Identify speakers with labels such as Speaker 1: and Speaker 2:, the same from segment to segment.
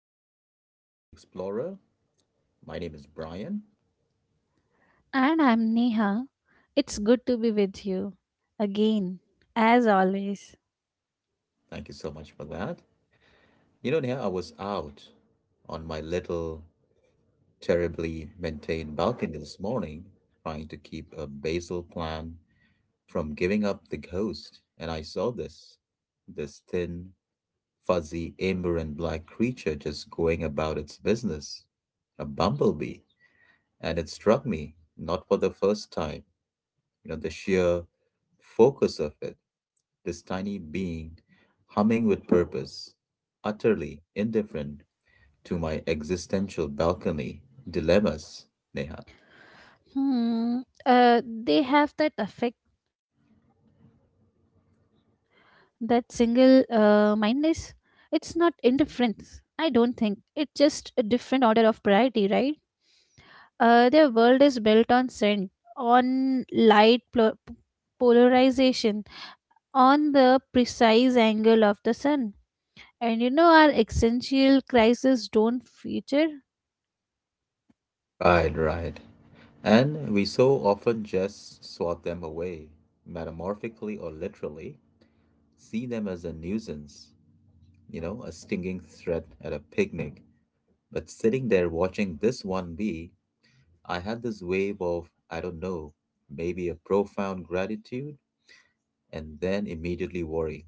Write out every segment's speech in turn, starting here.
Speaker 1: everyone, to the Explorer. My name is Brian.
Speaker 2: And I'm Neha. It's good to be with you again, as always.
Speaker 1: Thank you so much for that. You know, Neha, I was out on my little terribly maintained balcony this morning trying to keep a basil plant from giving up the ghost, and I saw this thin, fuzzy, amber and black creature just going about its business, a bumblebee, and it struck me, not for the first time. You know, the sheer focus of it, this tiny being humming with purpose, utterly indifferent to my existential balcony dilemmas, Neha.
Speaker 2: Hmm. They have that effect, that single mindedness. It's not indifference, I don't think. It's just a different order of priority, right? Their world is built on scent, on light polarization, on the precise angle of the sun. And you know, our existential crises don't feature.
Speaker 1: Right, right. And we so often just swat them away, metamorphically or literally, see them as a nuisance, you know, a stinging threat at a picnic. But sitting there watching this one bee, I had this wave of, I don't know, maybe a profound gratitude and then immediately worry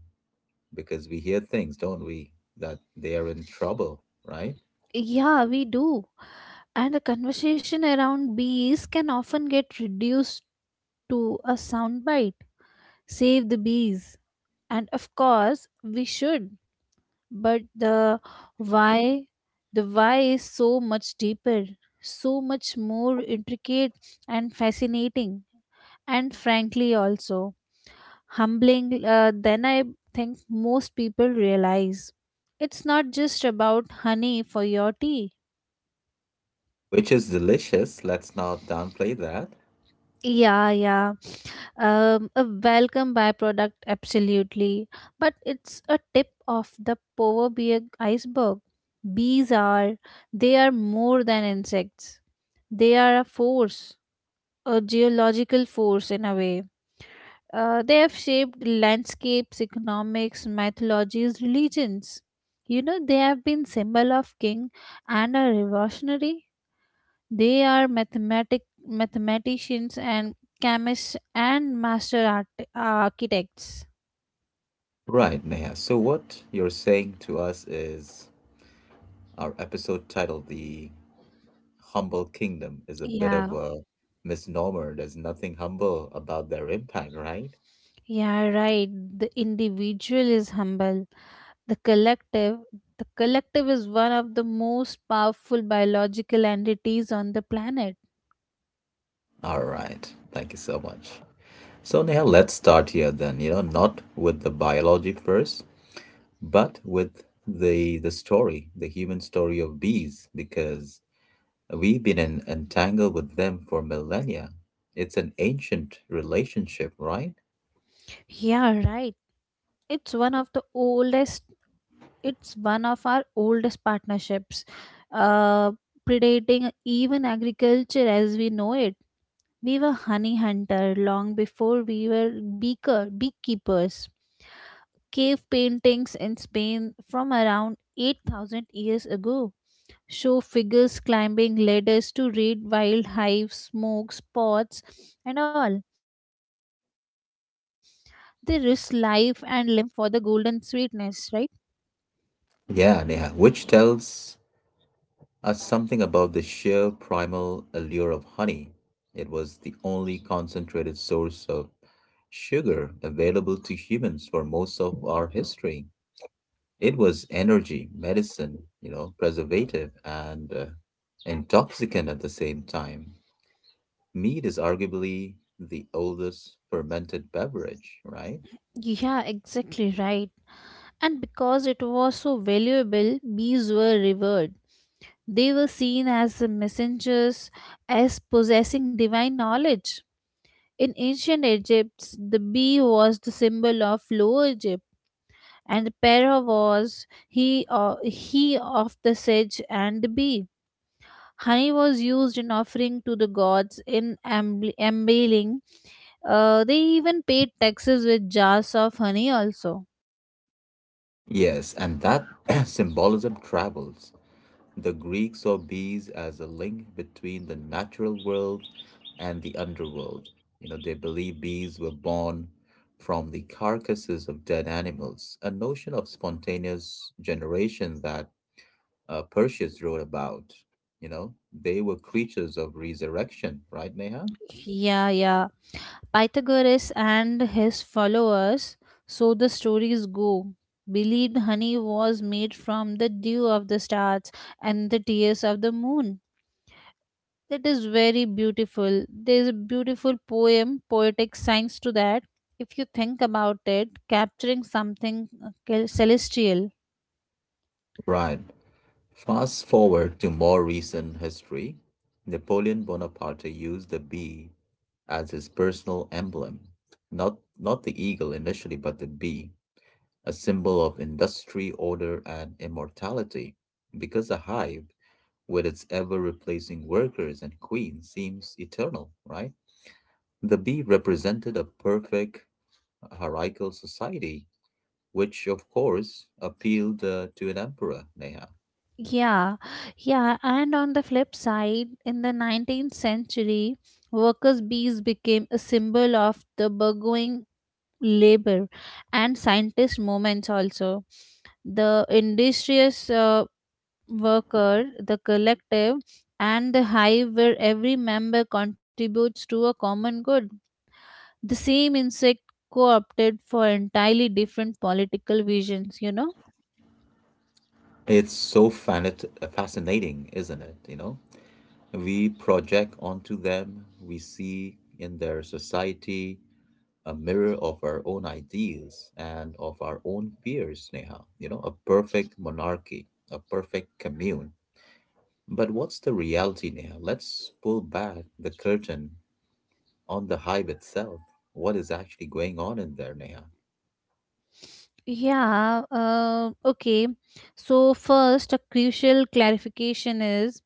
Speaker 1: because we hear things, don't we, that they are in trouble, right?
Speaker 2: Yeah, we do. And the conversation around bees can often get reduced to a soundbite. Save the bees. And of course, we should. But why, the why is so much deeper, so much more intricate and fascinating, and frankly, also humbling than I think most people realize. It's not just about honey for your tea.
Speaker 1: Which is delicious. Let's not downplay that.
Speaker 2: Yeah, yeah. A welcome byproduct, absolutely. But it's a tip of the power bee iceberg. Bees are, they are more than insects. They are a force, a geological force in a way. They have shaped landscapes, economics, mythologies, religions. You know, they have been symbol of king and a revolutionary. They are mathematicians and chemists and master architects.
Speaker 1: Right, Neha. So, what you're saying to us is our episode titled The Humble Kingdom is a bit of
Speaker 2: Yeah,
Speaker 1: a misnomer. There's nothing humble about their impact, right?
Speaker 2: yeah, right. The individual is humble. The collective, the collective is one of the most powerful biological entities on the planet.
Speaker 1: All right. Thank you so much. So, Neha, let's start here then. You know, not with the biology first, but with the story, the human story of bees, because we've been entangled with them for millennia. It's an ancient relationship, right?
Speaker 2: Yeah, right. It's one of the oldest. It's one of our oldest partnerships, uh, predating even agriculture as we know it. We were honey hunter long before we were beekeepers. Cave paintings in Spain from around 8,000 years ago show figures climbing ladders to raid wild hives, smokes, pots, and all. They risk life and limb for the golden sweetness, right?
Speaker 1: Yeah, Neha, which tells us something about the sheer primal allure of honey. It was the only concentrated source of sugar available to humans for most of our history. It was energy, medicine, you know, preservative, and intoxicant at the same time. Mead is arguably the oldest fermented beverage, right?
Speaker 2: Yeah, exactly right. And because it was so valuable, bees were revered. They were seen as the messengers, as possessing divine knowledge. In ancient Egypt, the bee was the symbol of Lower Egypt, and the para was he of the sage and the bee. Honey was used in offering to the gods in embalming. They even paid taxes with jars of honey, also.
Speaker 1: Yes, and that symbolism travels. The Greeks saw bees as a link between the natural world and the underworld. You know, they believed bees were born from the carcasses of dead animals, a notion of spontaneous generation that Perseus wrote about. You know, they were creatures of resurrection, right, Neha?
Speaker 2: Yeah, yeah. Pythagoras and his followers, so the stories go, believed honey was made from the dew of the stars and the tears of the moon. That is very beautiful. There is a poetic science to that. If you think about it, capturing something celestial.
Speaker 1: Right. Fast forward to more recent history. Napoleon Bonaparte used the bee as his personal emblem. Not the eagle initially, but the bee, a symbol of industry, order, and immortality. Because the hive, with its ever replacing workers and queen, seems eternal, right? The bee represented a perfect hierarchical society which of course appealed to an emperor, Neha.
Speaker 2: Yeah, yeah. And on the flip side, in the 19th century, workers' bees became a symbol of the burgeoning labor and scientist movements also. The industrious worker, the collective, and the hive where every member contributes to a common good, the same insect co-opted for entirely different political visions, you know.
Speaker 1: It's so fascinating, isn't it? You know, we project onto them, we see in their society a mirror of our own ideals and of our own fears, Neha. You know, a perfect monarchy, a perfect commune. But what's the reality, Neha? Let's pull back the curtain on the hive itself. What is actually going on in there, Neha?
Speaker 2: Yeah okay, so first a crucial clarification is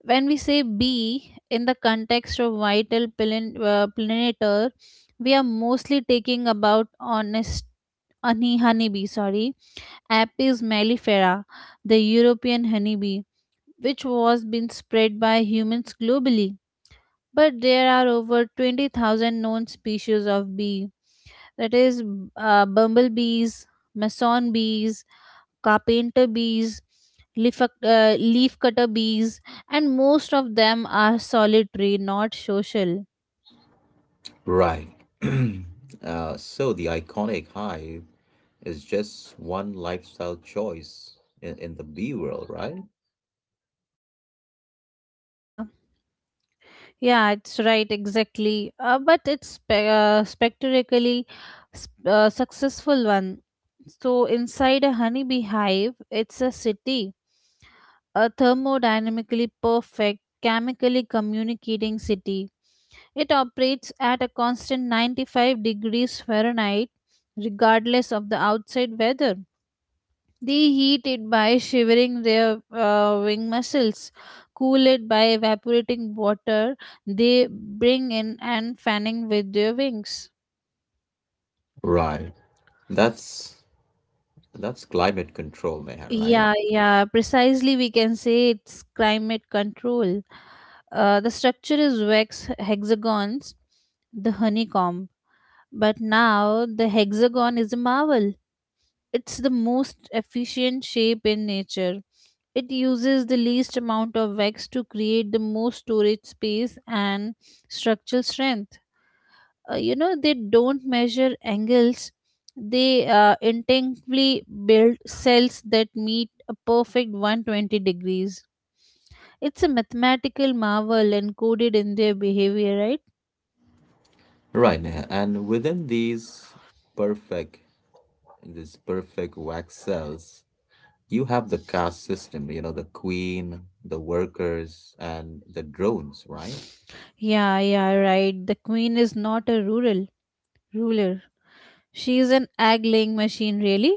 Speaker 2: when we say bee in the context of vital pollen, pollinator, we are mostly taking about honest honey honeybee, sorry, apis mellifera, the european honeybee, which was been spread by humans globally, but there are over 20,000 known species of bee. That is, bumblebees, mason bees, carpenter bees, leaf cutter bees, and most of them are solitary, not social.
Speaker 1: Right. So the iconic hive is just one lifestyle choice in the bee world, right?
Speaker 2: Uh, yeah, it's right, exactly. But it's spectacularly successful one. So inside a honeybee hive, it's a city, a thermodynamically perfect, chemically communicating city. It operates at a constant 95 degrees Fahrenheit, regardless of the outside weather. They heat it by shivering their wing muscles, cool it by evaporating water they bring in, and fanning with their wings.
Speaker 1: Right. That's that's climate control, Neha, right?
Speaker 2: Yeah, yeah, precisely. We can say it's climate control. The structure is wax hexagons, the honeycomb, but now the hexagon is a marvel. It's the most efficient shape in nature. It uses the least amount of wax to create the most storage space and structural strength. You know, they don't measure angles, they intentionally build cells that meet a perfect 120 degrees. It's a mathematical marvel encoded in their behavior, right?
Speaker 1: Right, Neha. And within perfect these perfect wax cells, you have the caste system, you know, the queen, the workers, and the drones, right?
Speaker 2: Yeah, yeah, right. The queen is not a rural ruler. She is an egg laying machine really.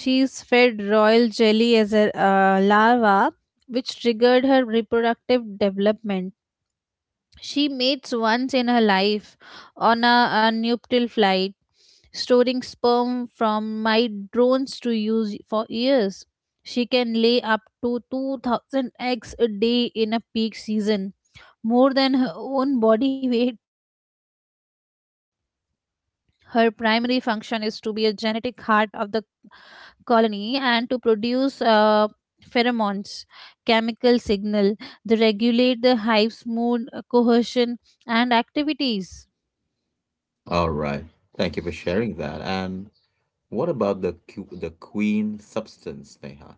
Speaker 2: She is fed royal jelly as a larva which triggered her reproductive development. She mates once in her life on a nuptial flight, storing sperm from my drones to use for years. She can lay up to 2,000 eggs a day in a peak season, more than her own body weight. Her primary function is to be a genetic heart of the colony and to produce pheromones, chemical signal that regulate the hive's mood, cohesion, and activities.
Speaker 1: All right. Thank you for sharing that. And what about the the queen substance, Neha?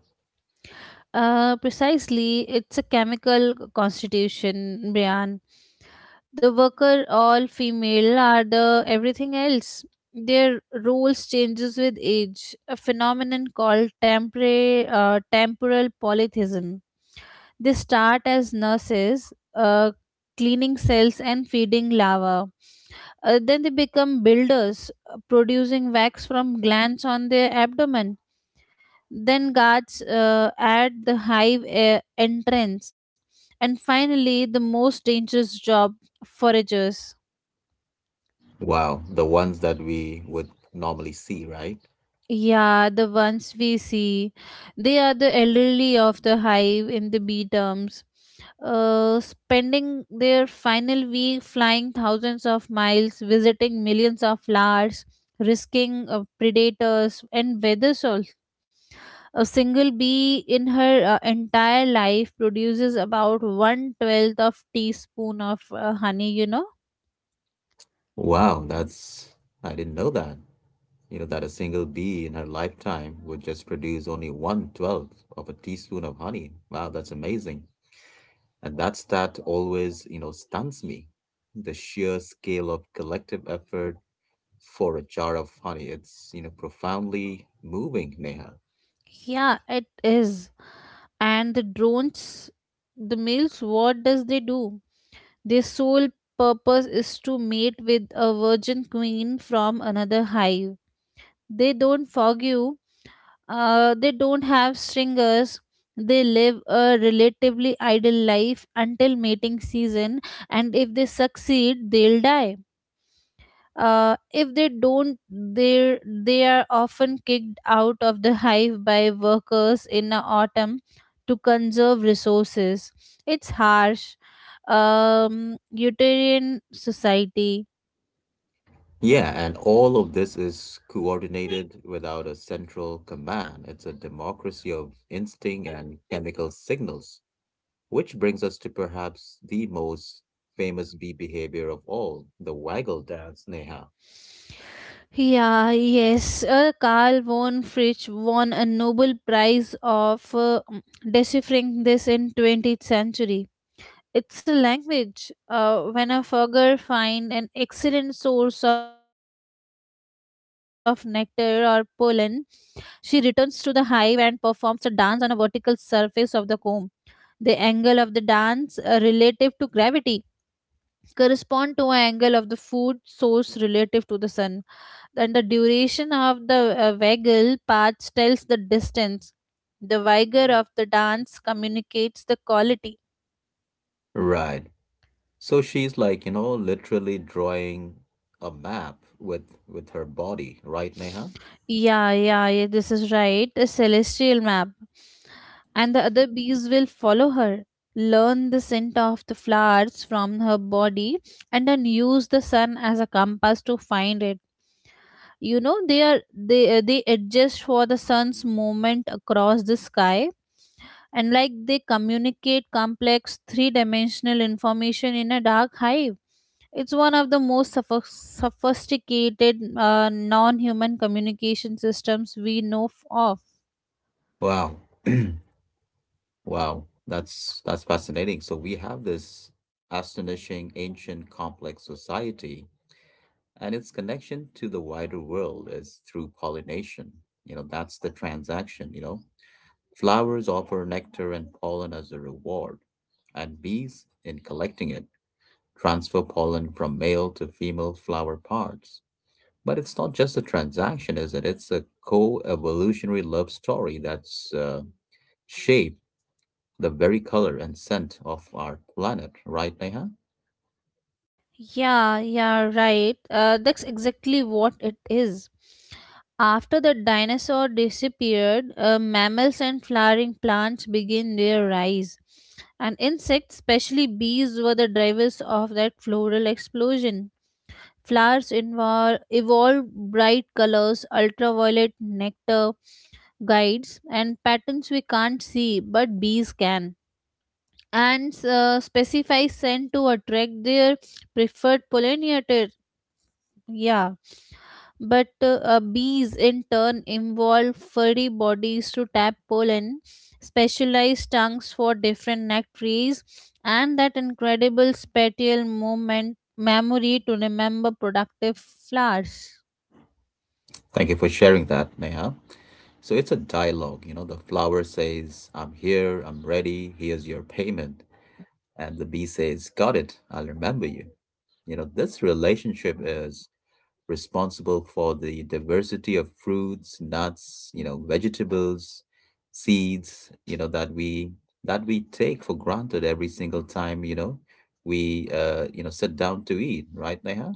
Speaker 2: Precisely, it's a chemical constitution, Brian. The worker, all female, are the everything else. Their roles changes with age, a phenomenon called temporal polytheism. They start as nurses, cleaning cells and feeding larvae. Then they become builders, producing wax from glands on their abdomen, then guards at the hive entrance, and finally the most dangerous job, foragers.
Speaker 1: Wow, the ones that we would normally see, right?
Speaker 2: Yeah, the ones we see, they are the elderly of the hive in the bee terms, spending their final week flying thousands of miles visiting millions of flowers, risking predators and weather also. A single bee in her entire life produces about one twelfth of teaspoon of honey. You know,
Speaker 1: Wow, that's I didn't know that. You know that a single bee in her lifetime would just produce only one twelfth of a teaspoon of honey. Wow, that's amazing. And that stat always, you know, stuns me. The sheer scale of collective effort for a jar of honey. It's, you know, profoundly moving, Neha.
Speaker 2: yeah, it is. And the drones, the males, what does they do? Their sole purpose is to mate with a virgin queen from another hive. They don't fog you. They don't have stringers. They live a relatively idle life until mating season, and if they succeed, they'll die. If they don't, they they are often kicked out of the hive by workers in the autumn to conserve resources. It's harsh, um, utopian society.
Speaker 1: Yeah, and all of this is coordinated without a central command. It's a democracy of instinct and chemical signals, which brings us to perhaps the most famous bee behavior of all, the waggle dance, Neha.
Speaker 2: Yeah yes Carl von Fritsch won a Nobel Prize of deciphering this in 20th century. It's a language. When a fogger finds an excellent source of nectar or pollen, she returns to the hive and performs a dance on a vertical surface of the comb. The angle of the dance relative to gravity correspond to an angle of the food source relative to the sun. And the duration of the waggle path tells the distance. The vigor of the dance communicates the quality.
Speaker 1: Right. So she's like, you know, literally drawing a map with her body, right, Neha?
Speaker 2: Yeah, yeah, yeah, this is right. A celestial map. And the other bees will follow her, learn the scent of the flowers from her body, and then use the sun as a compass to find it. You know, they adjust for the sun's movement across the sky, and like they communicate complex three-dimensional information in a dark hive. It's one of the most sophisticated non human communication systems we know of.
Speaker 1: Wow. Wow. That's fascinating. So we have this astonishing ancient complex society. And its connection to the wider world is through pollination. You know, that's the transaction, you know. Flowers offer nectar and pollen as a reward, and bees, in collecting it, transfer pollen from male to female flower parts. But it's not just a transaction, is it? It's a co evolutionary love story that's shaped the very color and scent of our planet, right, Neha?
Speaker 2: Yeah, yeah, right. That's exactly what it is. After the dinosaur disappeared, mammals and flowering plants began their rise. And insects, especially bees, were the drivers of that floral explosion. Flowers evolved bright colors, ultraviolet nectar, guides and patterns we can't see but bees can, and specify scent to attract their preferred pollinator. Yeah, but bees in turn involve furry bodies to tap pollen, specialized tongues for different nectaries, and that incredible spatial movement memory to remember productive flowers.
Speaker 1: Thank you for sharing that, Neha. So it's a dialogue, you know. The flower says, I'm here, I'm ready, here's your payment. And the bee says, got it, I'll remember you. You know, this relationship is responsible for the diversity of fruits, nuts, you know, vegetables, seeds, you know, that we take for granted every single time, you know, we you know, sit down to eat, right, Neha?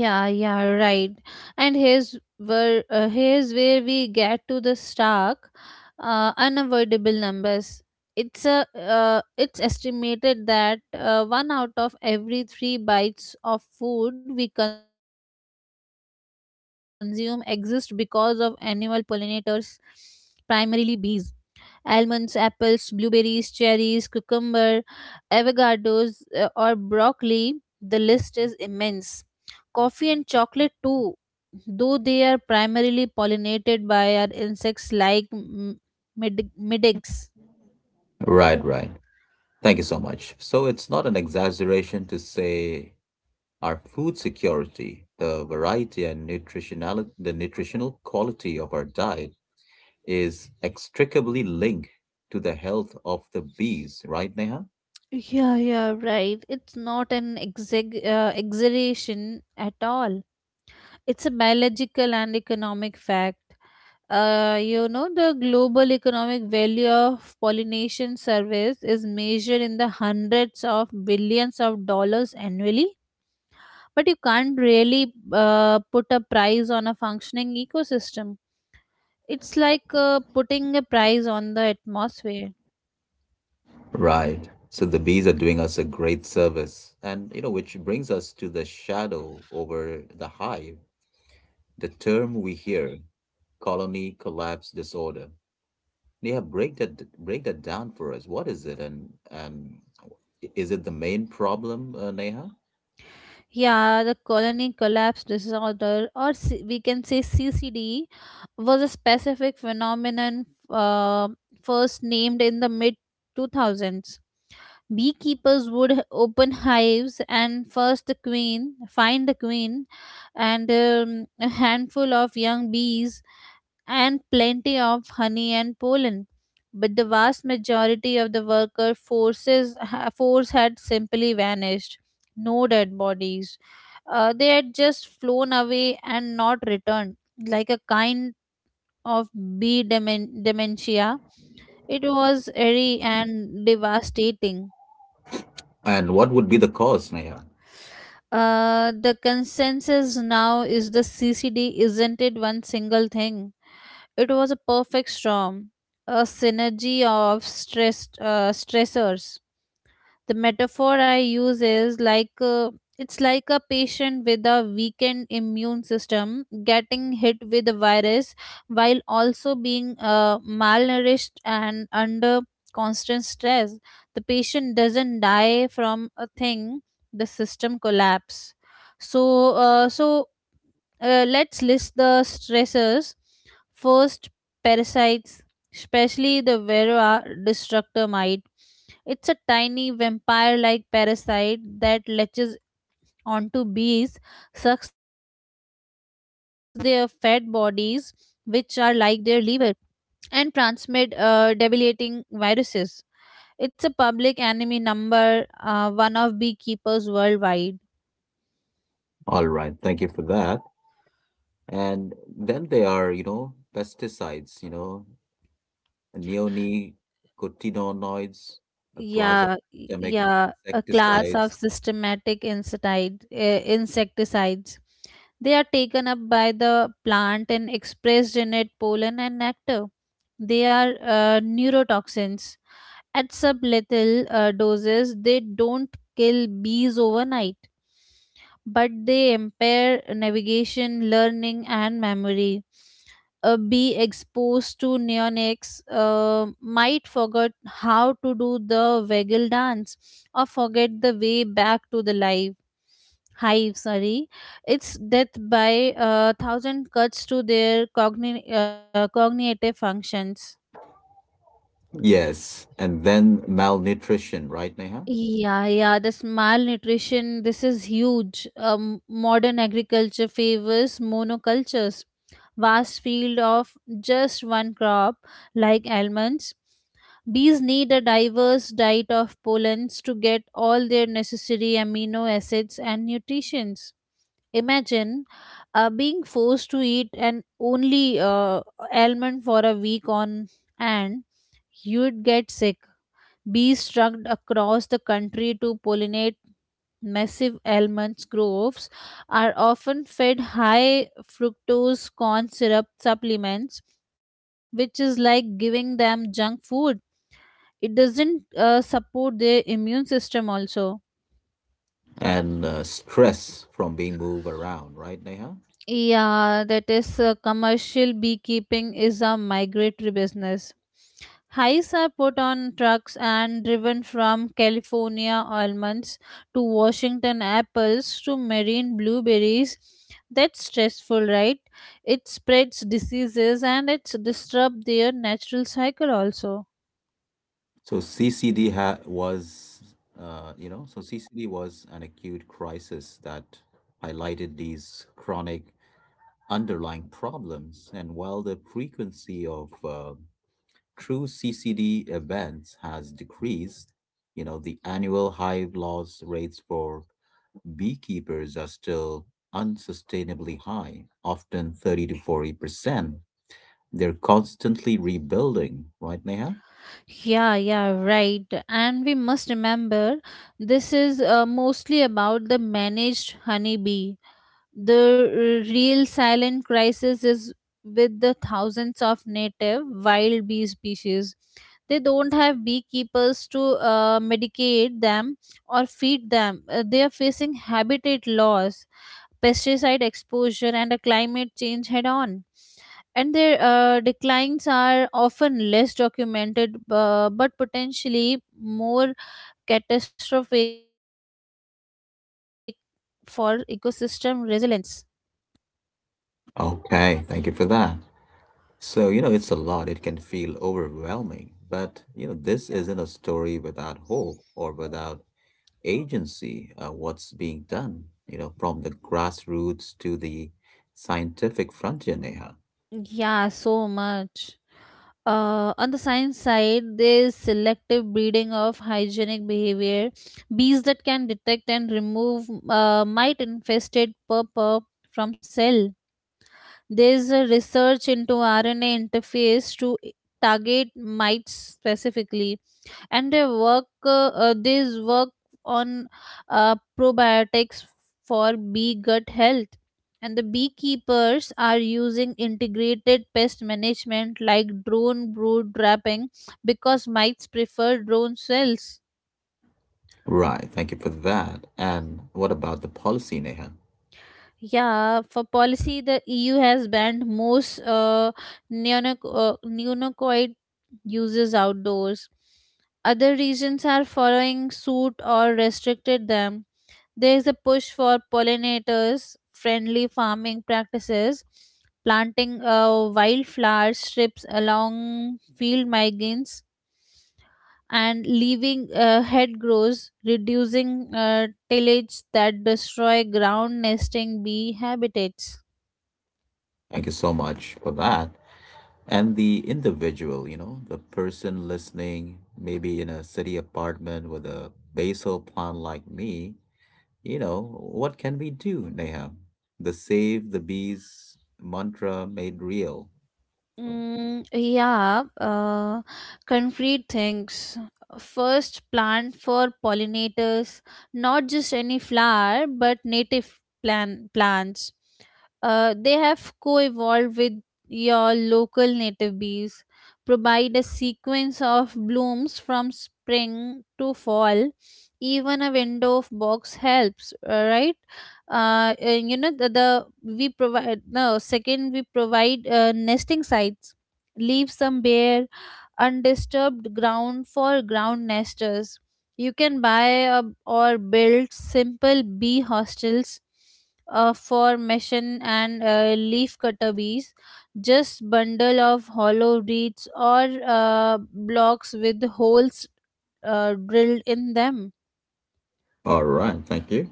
Speaker 2: Yeah, yeah, right. And here's where we get to the stark, unavoidable numbers. It's estimated that one out of every three bites of food we consume exist because of animal pollinators, primarily bees. Almonds, apples, blueberries, cherries, cucumber, avocados, or broccoli. The list is immense. Coffee and chocolate too, though they are primarily pollinated by our insects like midges.
Speaker 1: Right, right. Thank you so much. So it's not an exaggeration to say our food security, the variety and nutritional quality of our diet is extricably linked to the health of the bees, right, Neha?
Speaker 2: Yeah, yeah, right. It's not an exaggeration at all. It's a biological and economic fact. You know, the global economic value of pollination service is measured in the hundreds of billions of dollars annually, but you can't really put a price on a functioning ecosystem. It's like putting a price on the atmosphere.
Speaker 1: Right. So the bees are doing us a great service. And, you know, which brings us to the shadow over the hive, the term we hear, colony collapse disorder. Neha, break that down for us. What is it, and is it the main problem, Neha?
Speaker 2: Yeah, the colony collapse disorder, or we can say CCD, was a specific phenomenon first named in the mid 2000s. Beekeepers would open hives and find the queen, and a handful of young bees and plenty of honey and pollen. But the vast majority of the force had simply vanished. No dead bodies. They had just flown away and not returned, like a kind of bee dementia. It was eerie and devastating.
Speaker 1: And what would be the cause, Neha?
Speaker 2: The consensus now is the CCD isn't it one single thing. It was a perfect storm, a synergy of stressors. The metaphor I use is it's like a patient with a weakened immune system getting hit with a virus while also being malnourished and under constant stress. The patient doesn't die from a thing; the system collapse. So, let's list the stressors. First, parasites, especially the Vera destructor mite. It's a tiny vampire like parasite that latches onto bees, sucks their fat bodies, which are like their liver, and transmit debilitating viruses. It's a public enemy number one of beekeepers worldwide.
Speaker 1: All right, thank you for that. And then there are, you know, pesticides, you know, neonicotinoids, a class of
Speaker 2: Yeah,
Speaker 1: systemic
Speaker 2: yeah, a class
Speaker 1: insecticides.
Speaker 2: of systematic insecticide, insecticides. They are taken up by the plant and expressed in it pollen and nectar. They are neurotoxins. At sublethal doses, they don't kill bees overnight but they impair navigation, learning, and memory. Be exposed to neonics might forget how to do the waggle dance or forget the way back to the live hive sorry, it's death by a thousand cuts to their cognitive functions.
Speaker 1: Yes, and then malnutrition, right, Neha?
Speaker 2: Yeah, yeah, this malnutrition, this is huge. Modern agriculture favors monocultures, vast field of just one crop like almonds. Bees need a diverse diet of pollens to get all their necessary amino acids and nutrients. Imagine being forced to eat an only almond for a week on, and you'd get sick. Bees struck across the country to pollinate massive almonds groves are often fed high fructose corn syrup supplements, which is like giving them junk food. It doesn't support their immune system, also.
Speaker 1: And stress from being moved around, right, Neha?
Speaker 2: Yeah, that is commercial beekeeping is a migratory business. Hides are put on trucks and driven from California almonds to Washington apples to marine blueberries. That's stressful, right? It spreads diseases and it's disrupt their natural cycle also.
Speaker 1: So CCD ha was, uh, you know, so CCD was an acute crisis that highlighted these chronic underlying problems. And while the frequency of true CCD events has decreased, you know, the annual hive loss rates for beekeepers are still unsustainably high, often 30 to 40%. They're constantly rebuilding, right, Neha?
Speaker 2: Yeah, yeah, right. And we must remember this is mostly about the managed honeybee. The real silent crisis is with the thousands of native wild bee species. They don't have beekeepers to medicate them or feed them. They are facing habitat loss, pesticide exposure, and a climate change head on. And their declines are often less documented but potentially more catastrophic for ecosystem resilience.
Speaker 1: Okay, thank you for that. So, you know, it's a lot. It can feel overwhelming. But, you know, this isn't a story without hope or without agency. What's being done, you know, from the grassroots to the scientific frontier, Neha?
Speaker 2: Yeah, so much. On the science side, there's selective breeding of hygienic behavior. Bees that can detect and remove mite infested pupa from cell. There's a research into RNA interface to target mites specifically, and they work these work on probiotics for bee gut health. And the beekeepers are using integrated pest management like drone brood trapping because mites prefer drone cells.
Speaker 1: Right, thank you for that. And what about the policy, Neha?
Speaker 2: Yeah, for policy the EU has banned most neonicotinoid uses outdoors. Other regions are following suit or restricted them. There is a push for pollinators friendly farming practices, planting wildflower strips along field margins and leaving head grows, reducing tillage that destroy ground nesting bee habitats.
Speaker 1: Thank you so much for that. And the individual, you know, the person listening maybe in a city apartment with a basil plant like me, you know, what can we do, Neha? The save the bees mantra made real.
Speaker 2: Mm, yeah, concrete things. First, plant for pollinators, not just any flower, but native plant plants. They have co-evolved with your local native bees. Provide a sequence of blooms from spring to fall. Even a window of box helps, right? You know the we provide no second we provide nesting sites. Leave some bare undisturbed ground for ground nesters. You can buy a, or build simple bee hostels for mission and leaf cutter bees, just bundle of hollow reeds or blocks with holes drilled in them.
Speaker 1: All right, thank you.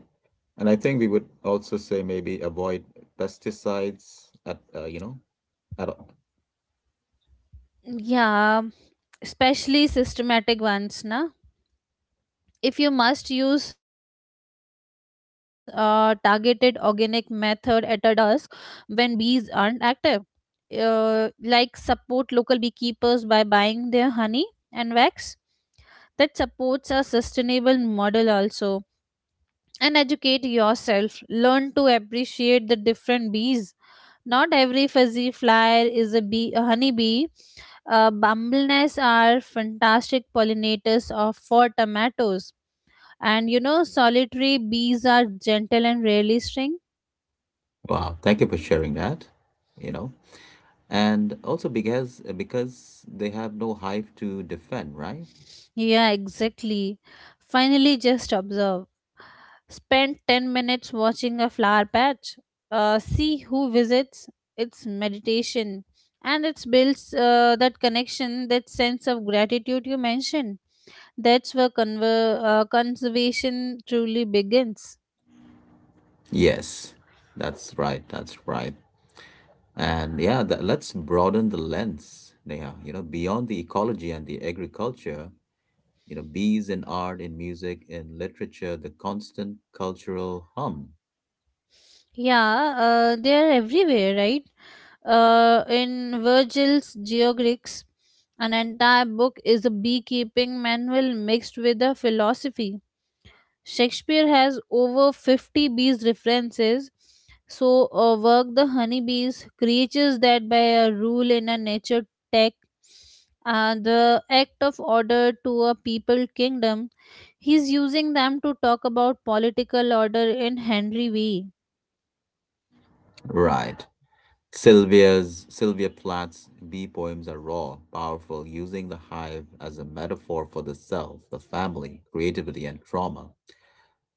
Speaker 1: And I think we would also say maybe avoid pesticides at you know at all.
Speaker 2: Yeah, especially systematic ones, na. If you must use a targeted organic method at a dusk when bees aren't active, uh, like support local beekeepers by buying their honey and wax. That supports a sustainable model also. And educate yourself, learn to appreciate the different bees. Not every fuzzy flyer is a bee, a honeybee. Bumblenests are fantastic pollinators of for tomatoes, and you know, solitary bees are gentle and rarely sting.
Speaker 1: Wow, thank you for sharing that. You know, and also because they have no hive to defend, right?
Speaker 2: Yeah, exactly. Finally, just observe. Spend 10 minutes watching a flower patch. See who visits. It's meditation. And it builds that connection, that sense of gratitude you mentioned. That's where conservation truly begins.
Speaker 1: Yes, that's right. That's right. And yeah, that, let's broaden the lens, Neha. You know, beyond the ecology and the agriculture, you know, bees in art, in music, in literature, the constant cultural hum.
Speaker 2: Yeah, they are everywhere, right? In Virgil's Geogrix, an entire book is a beekeeping manual mixed with a philosophy. Shakespeare has over 50 bees references. So, work the honeybees, creatures that by a rule in a nature tech, the act of order to a people kingdom. He's using them to talk about political order in Henry V.
Speaker 1: Right. Sylvia Plath's bee poems are raw, powerful, using the hive as a metaphor for the self, the family, creativity, and trauma.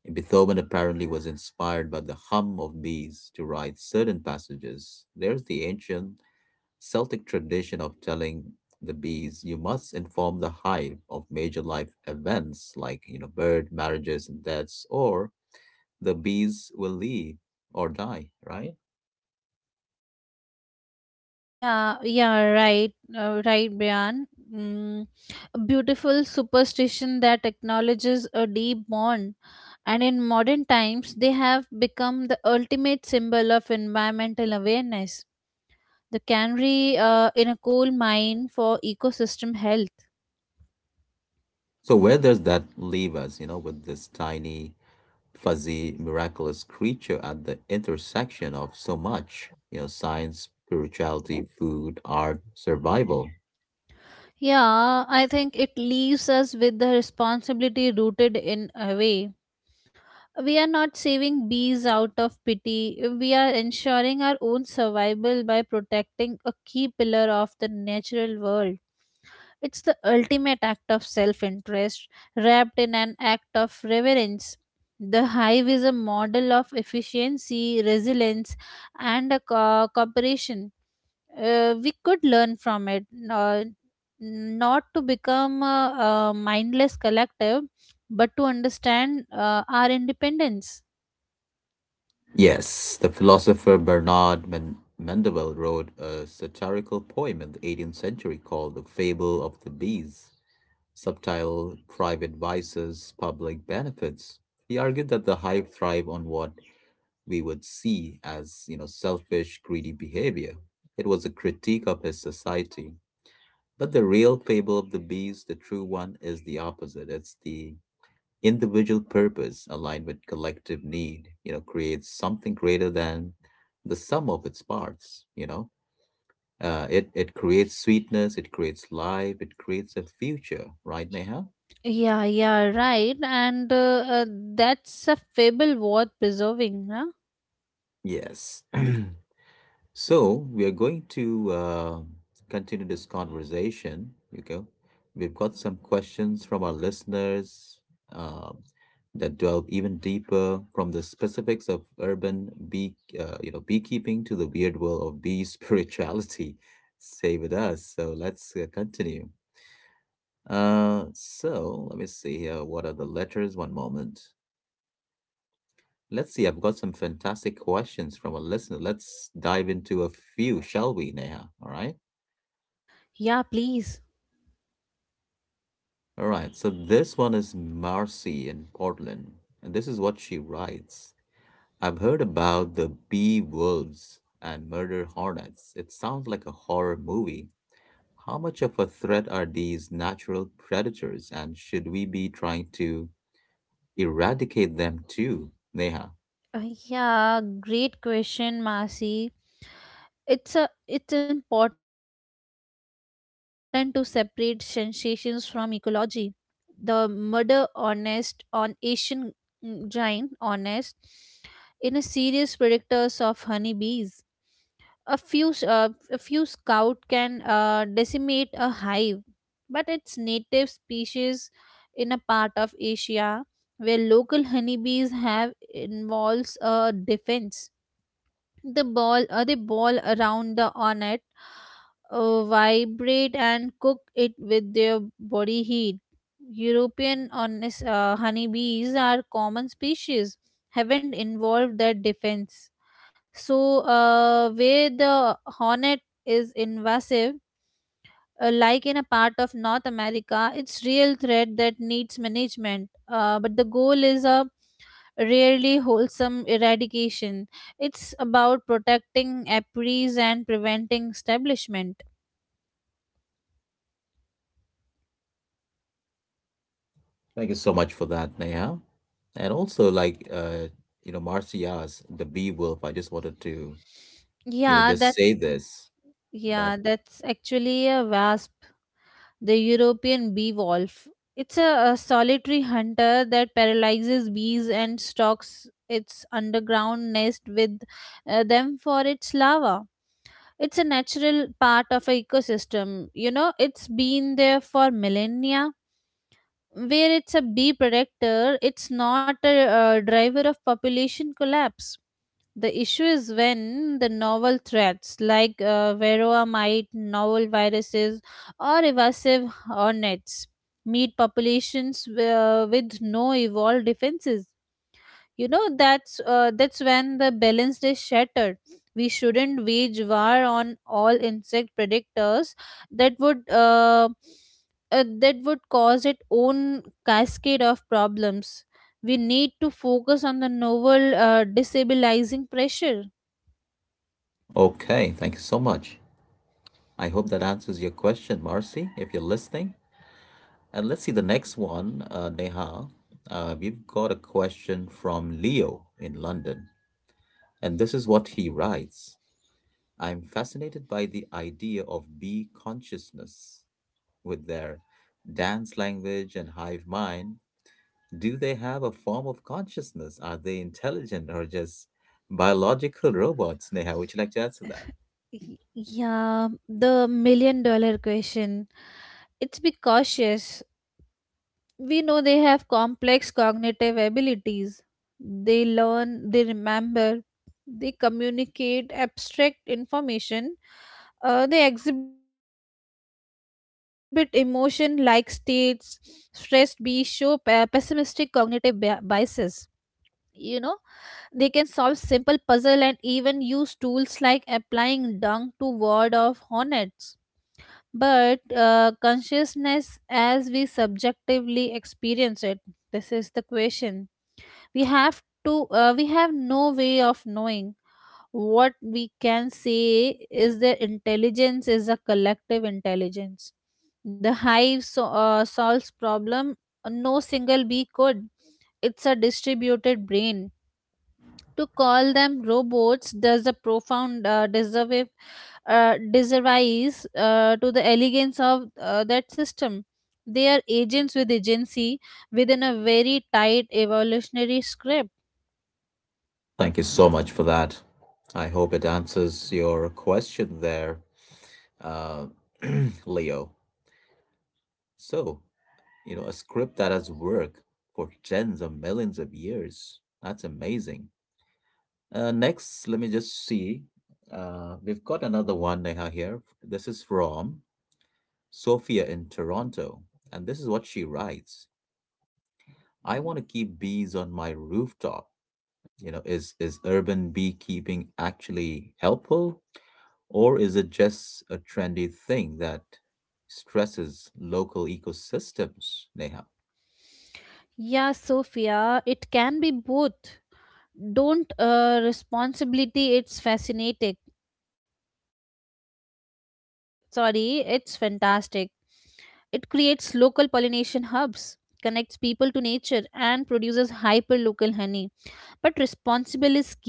Speaker 1: Beethoven apparently was inspired by the hum of bees to write certain passages. There's the ancient Celtic tradition of telling the bees. You must inform the hive of major life events, like you know, bird marriages and deaths, or the bees will leave or die. Right?
Speaker 2: Yeah, yeah, right, right, Brian. Mm, a beautiful superstition that acknowledges a deep bond, and in modern times, they have become the ultimate symbol of environmental awareness. The canary in a coal mine for ecosystem health.
Speaker 1: So where does that leave us, you know, with this tiny, fuzzy, miraculous creature at the intersection of so much, you know, science, spirituality, food, art, survival?
Speaker 2: Yeah, I think it leaves us with the responsibility rooted in a way. We are not saving bees out of pity. We are ensuring our own survival by protecting a key pillar of the natural world. It's the ultimate act of self interest wrapped in an act of reverence. The hive is a model of efficiency, resilience, and a cooperation. We could learn from it, not to become a mindless collective, but to understand our independence.
Speaker 1: Yes, the philosopher Bernard Mendel wrote a satirical poem in the 18th century called The Fable of the Bees, subtitled Private Vices, Public Benefits. He argued that the hive thrive on what we would see as, you know, selfish, greedy behavior. It was a critique of his society, but the real fable of the beast, the true one, is the opposite. It's the individual purpose aligned with collective need, you know, creates something greater than the sum of its parts. You know, it creates sweetness, it creates life, it creates a future, right, Neha?
Speaker 2: Yeah, yeah, right. And that's a fable worth preserving, huh?
Speaker 1: Yes. So we are going to continue this conversation. You go. We've got some questions from our listeners uh, that delve even deeper, from the specifics of urban bee, you know, beekeeping to the weird world of bee spirituality. Stay with us. So let's continue. So let me see here. What are the letters? One moment. Let's see. I've got some fantastic questions from a listener. Let's dive into a few, shall we, Neha? All right.
Speaker 2: Yeah, please.
Speaker 1: All right, so this one is Marcy in Portland, and this is what she writes. I've heard about the bee wolves and murder hornets. It sounds like a horror movie. How much of a threat are these natural predators, and should we be trying to eradicate them too, Neha?
Speaker 2: Yeah, great question, Masi. It's important to separate sensations from ecology. The murder honest on Asian, mm, giant honest in a serious predictors of honeybees. a few s- uh, a few scout can decimate a hive, but its native species in a part of Asia where local honeybees have involves a defense. The ball, they ball around the hornet, vibrate and cook it with their body heat. European honest, honeybees are common species, haven't involved their defense. So, where the hornet is invasive, like in a part of North America, it's real threat that needs management. But the goal is a rarely wholesome eradication. It's about protecting apiaries and preventing establishment.
Speaker 1: Thank you so much for that, Neha. And also, like, you know, Marcy asked, the bee wolf, I just wanted to, you know,
Speaker 2: Yeah,
Speaker 1: just say
Speaker 2: that's
Speaker 1: this that,
Speaker 2: yeah, that's actually a vast, the European bee wolf. It's a solitary hunter that paralyzes bees and stalks its underground nest with them for its larva. It's a natural part of an ecosystem. You know, it's been there for millennia where it's a bee predictor, it's not a, driver of population collapse. The issue is when the novel threats like varroa mite, novel viruses, or evasive hornets meet populations with no evolved defenses. You know, that's when the balance is shattered. We shouldn't wage war on all insect predators. That would that would cause its own cascade of problems. We need to focus on the novel destabilizing pressure.
Speaker 1: okay, thank you so much. I hope that answers your question, Marcy, if you're listening. And let's see the next one, Neha. We've got a question from Leo in London, and this is what he writes. I'm fascinated by the idea of bee consciousness with their dance language and hive mind. Do they have a form of consciousness? Are they intelligent or just biological robots, Neha? Would you like to answer that?
Speaker 2: Y- Yeah, the million dollar question. It's be cautious. We know they have complex cognitive abilities. They learn, they remember, they communicate abstract information. They exhibit emotion like states. Stress be show pessimistic cognitive biases, you know. They can solve simple puzzle and even use tools like applying dung to word of hornets. But consciousness as we subjectively experience it, this is the question. We have no way of knowing. What we can say is their intelligence is a collective intelligence. The hive so, solves problem no single bee could. It's a distributed brain. To call them robots does a profound disservice to the elegance of that system. They are agents with agency within a very tight evolutionary script.
Speaker 1: Thank you so much for that. I hope it answers your question there, uh, Leo. So, a script that has worked for tens of millions of years. That's amazing. Next, let me just see. We've got another one, Neha, here. This is from Sophia in Toronto. And this is what she writes. I want to keep bees on my rooftop. You know, is urban beekeeping actually helpful? Or is it just a trendy thing that stresses local ecosystems, Neha?
Speaker 2: Yeah, Sophia, it can be both. Don't responsibility, it's fantastic. It creates local pollination hubs, connects people to nature, and produces hyperlocal honey. But responsible is key.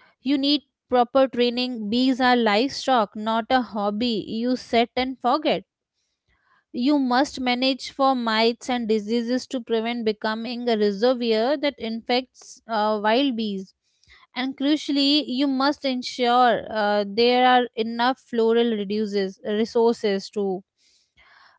Speaker 2: You need proper training. Bees are livestock, not a hobby you set and forget. You must manage for mites and diseases to prevent becoming a reservoir that infects wild bees. And crucially, you must ensure there are enough floral resources too.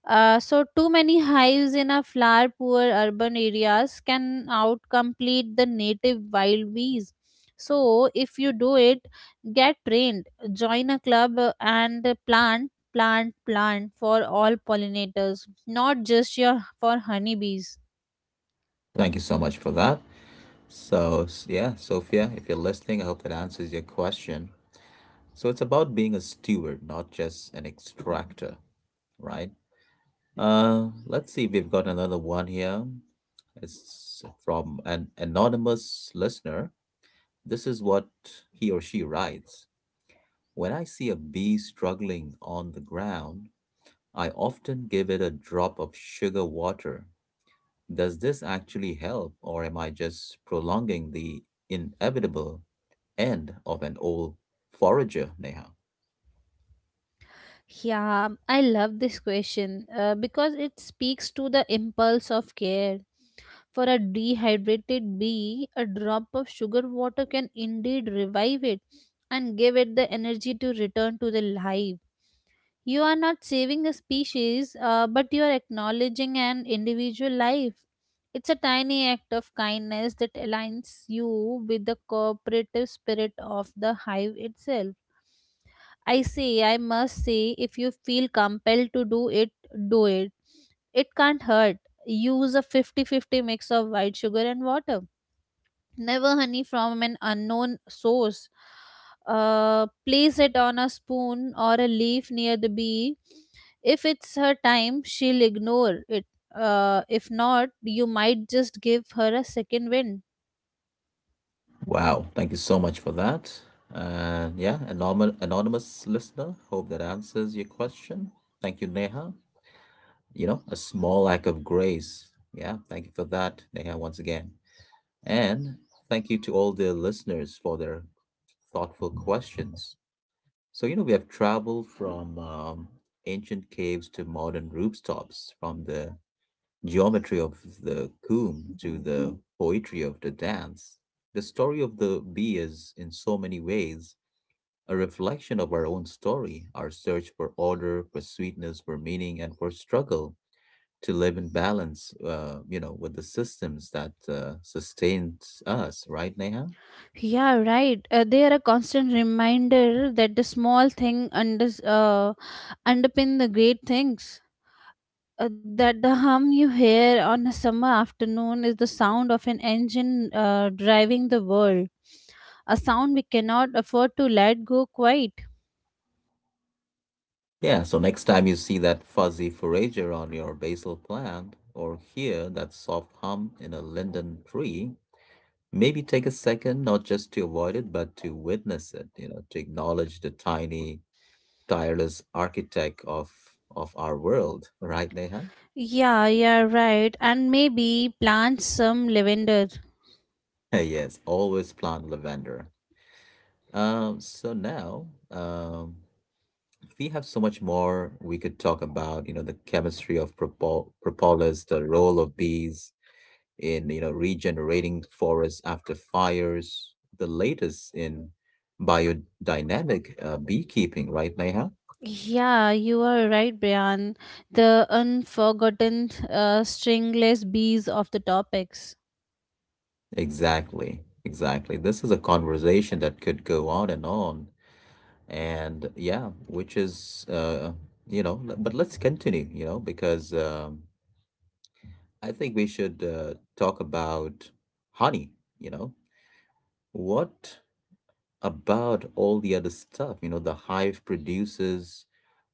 Speaker 2: So too many hives in a flower poor urban areas can outcomplete the native wild bees. So if you do it, get trained, join a club, and plant for all pollinators, not just your for honeybees.
Speaker 1: Thank you so much for that. So, yeah, Sophia, if you're listening, I hope that answers your question. So, it's about being a steward, not just an extractor, right? Let's see if we've got another one here. It's from an anonymous listener. This is what he or she writes. When I see a bee struggling on the ground, I often give it a drop of sugar water. Does this actually help, or am I just prolonging the inevitable end of an old forager, Neha?
Speaker 2: Yeah, I love this question, because it speaks to the impulse of care. For a dehydrated bee, a drop of sugar water can indeed revive it and give it the energy to return to the hive. You are not saving a species, but you are acknowledging an individual life. It's a tiny act of kindness that aligns you with the cooperative spirit of the hive itself. I must say, if you feel compelled to do it, do it, it can't hurt. Use a fifty-fifty mix of white sugar and water. Never honey from an unknown source. Place it on a spoon or a leaf near the bee. If it's her time, she'll ignore it. If not, you might just give her a second wind.
Speaker 1: Wow, thank you so much for that. And yeah, anonymous, anonymous listener, hope that answers your question. Thank you, Neha. You know, a small act of grace. Yeah, thank you for that, Neha, once again. And thank you to all the listeners for their thoughtful questions. So, you know, we have traveled from ancient caves to modern rooftops, from the geometry of the comb to the poetry of the dance. The story of the bee is, in so many ways, a reflection of our own story, our search for order, for sweetness, for meaning, and for struggle to live in balance, you know, with the systems that sustains us, right, Neha?
Speaker 2: Yeah, right. They are a constant reminder that the small thing underpin the great things. That the hum you hear on a summer afternoon is the sound of an engine driving the world, a sound we cannot afford to let go quite.
Speaker 1: Yeah, so next time you see that fuzzy forager on your basil plant, or hear that soft hum in a linden tree, maybe take a second, not just to avoid it, but to witness it, you know, to acknowledge the tiny, tireless architect of our world, right, Neha?
Speaker 2: Yeah, yeah, right. And maybe plant some lavender.
Speaker 1: Yes, always plant lavender. So now, we have so much more we could talk about, you know, the chemistry of propolis, the role of bees in, you know, regenerating forests after fires, the latest in biodynamic beekeeping, right, Neha?
Speaker 2: Yeah, you are right, Brian. The unforgotten stringless bees of the topics.
Speaker 1: Exactly, exactly. This is a conversation that could go on. And yeah, which is, you know, but let's continue, you know, because I think we should talk about honey, you know. What about all the other stuff? You know, the hive produces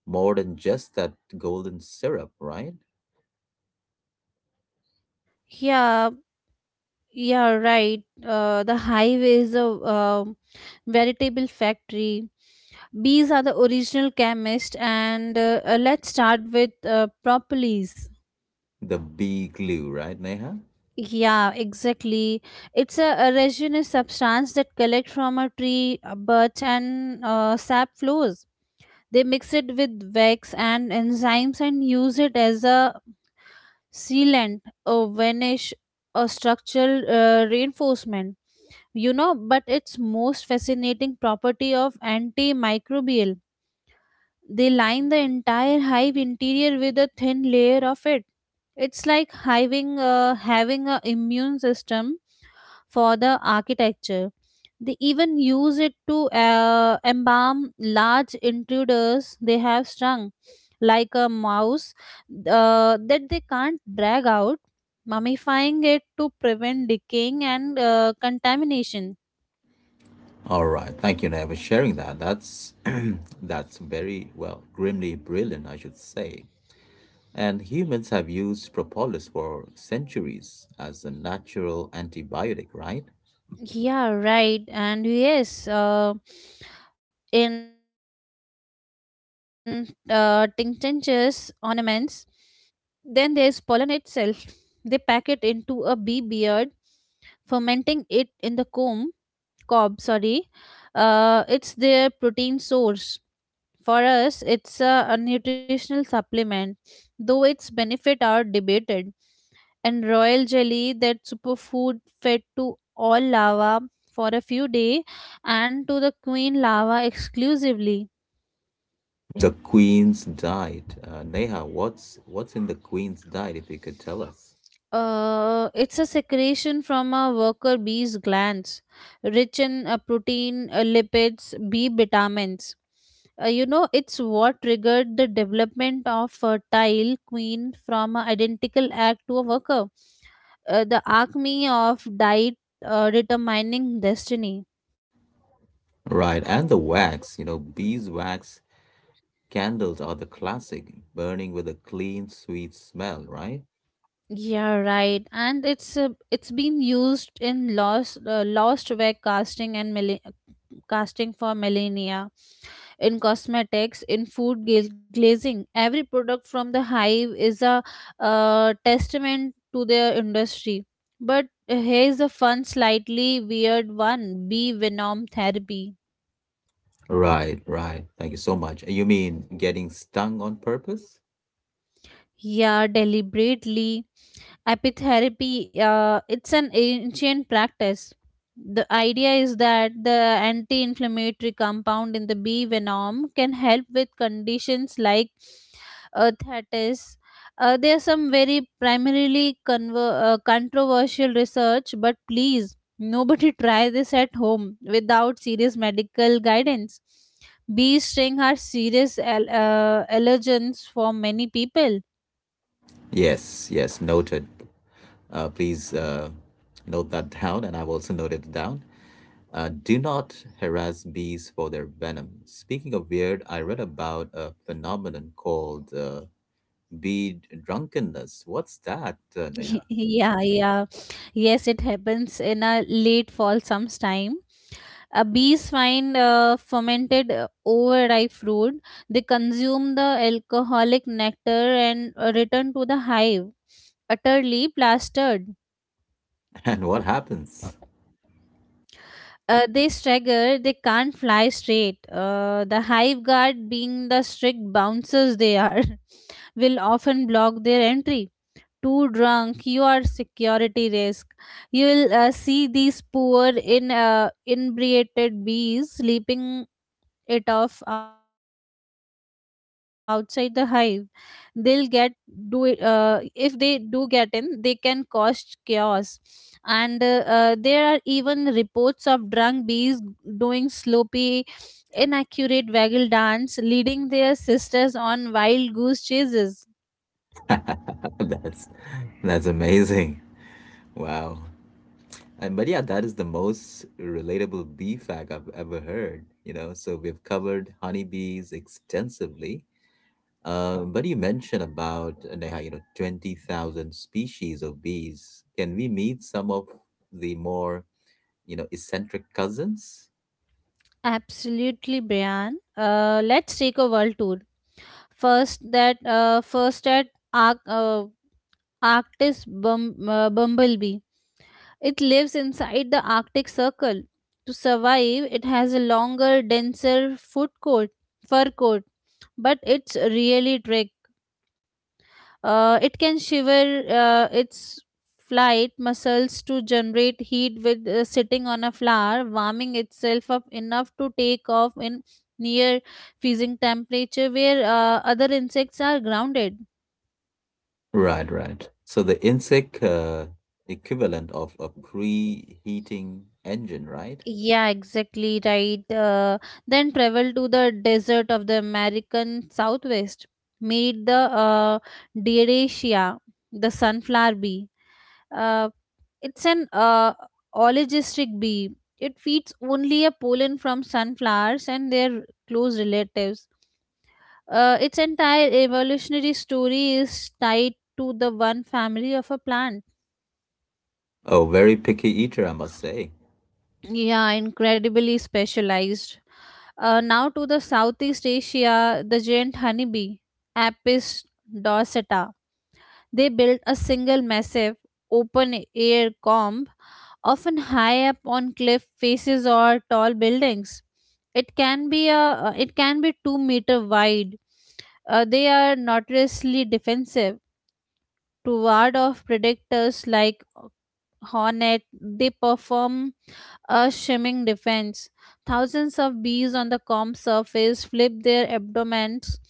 Speaker 1: more than just that golden syrup, right?
Speaker 2: Yeah, yeah, right. The hive is a um veritable factory. Bees are the original chemist, and let's start with propolis.
Speaker 1: The bee glue, right, Neha?
Speaker 2: Yeah, exactly. It's a resinous substance that collect from a tree buds and sap flows. They mix it with wax and enzymes and use it as a sealant, a varnish, a structural reinforcement. You know, but its most fascinating property of antimicrobial. They line the entire hive interior with a thin layer of it. It's like having an immune system for the architecture. They even use it to embalm large intruders they have strung, like a mouse that they can't drag out, mummifying it to prevent decaying and contamination.
Speaker 1: All right. Thank you, Neha, for sharing that. That's that's very well, grimly brilliant, I should say. And humans have used propolis for centuries as a natural antibiotic, right?
Speaker 2: Yeah, right. And yes, in tinctures, ornaments, then there's pollen itself. They pack it into a bee beard, fermenting it in the cob, sorry. It's their protein source. For us, it's a nutritional supplement, though its benefit are debated. And royal jelly, that superfood fed to all lava for a few days and to the queen lava exclusively.
Speaker 1: The Queen's diet. Neha, what's in the Queen's diet if you could tell us?
Speaker 2: It's a secretion from a worker bee's glands, rich in protein, lipids, B vitamins. You know, it's what triggered the development of fertile queen from an identical act to a worker. The acme of diet determining destiny.
Speaker 1: Right, and the wax, you know, beeswax candles are the classic, burning with a clean, sweet smell, right?
Speaker 2: Yeah, right. And it's been used in lost web casting and casting for millennia. In cosmetics, in food glazing. Every product from the hive is a testament to their industry. But here's a fun, slightly weird one, bee venom therapy.
Speaker 1: Right, right. Thank you so much. You mean getting stung on purpose?
Speaker 2: Yeah, deliberately. Apitherapy, it's an ancient practice. The idea is that the anti inflammatory compound in the bee venom can help with conditions like that is there are some very primarily controversial research, but please nobody try this at home without serious medical guidance. Bee sting are serious allergens for many people.
Speaker 1: Yes, yes, noted. Please note that down, and I've also noted it down. Do not harass bees for their venom. Speaking of weird, I read about a phenomenon called bee drunkenness. What's that, Neha?
Speaker 2: Yeah, yes it happens in a late fall sometime. Bees find fermented overripe fruit. They consume the alcoholic nectar and return to the hive, utterly plastered.
Speaker 1: And what happens?
Speaker 2: They stagger, they can't fly straight. The hive guard, being the strict bouncers they are, will often block their entry. Too drunk, you are security risk. You will see these poor, in inebriated bees sleeping it off outside the hive. They'll get do it If they do get in they can cause chaos, and there are even reports of drunk bees doing sloppy, inaccurate waggle dance, leading their sisters on wild goose chases.
Speaker 1: That's that's amazing. Wow. And but yeah, that is the most relatable bee fact I've ever heard. You know, so we've covered honeybees extensively. But you mentioned about Neha, you know, 20,000 species of bees. Can we meet some of the more, you know, eccentric cousins?
Speaker 2: Absolutely, Brian. Let's take a world tour. First at Arc, uh, arctis bumblebee. It lives inside the Arctic Circle. To survive, it has a longer, denser fur coat, but it's really trick. It can shiver its flight muscles to generate heat with sitting on a flower, warming itself up enough to take off in near freezing temperature where other insects are grounded.
Speaker 1: Right, right. So the insect equivalent of a preheating engine, right?
Speaker 2: Yeah, exactly right. Then travel to the desert of the American Southwest. Meet the Dioraceae, the sunflower bee. Uh, it's an oligistic bee. It feeds only a pollen from sunflowers and their close relatives. Its entire evolutionary story is tied to the one family of a plant.
Speaker 1: Oh, very picky eater, I must say.
Speaker 2: Yeah, incredibly specialized. Now to the Southeast Asia, the giant honeybee, Apis dorsata. They built a single massive open air comb, often high up on cliff faces or tall buildings. It can be a it can be 2 meters wide. They are notoriously defensive to ward off predators like hornet. They perform a shimming defense. Thousands of bees on the calm surface flip their abdomens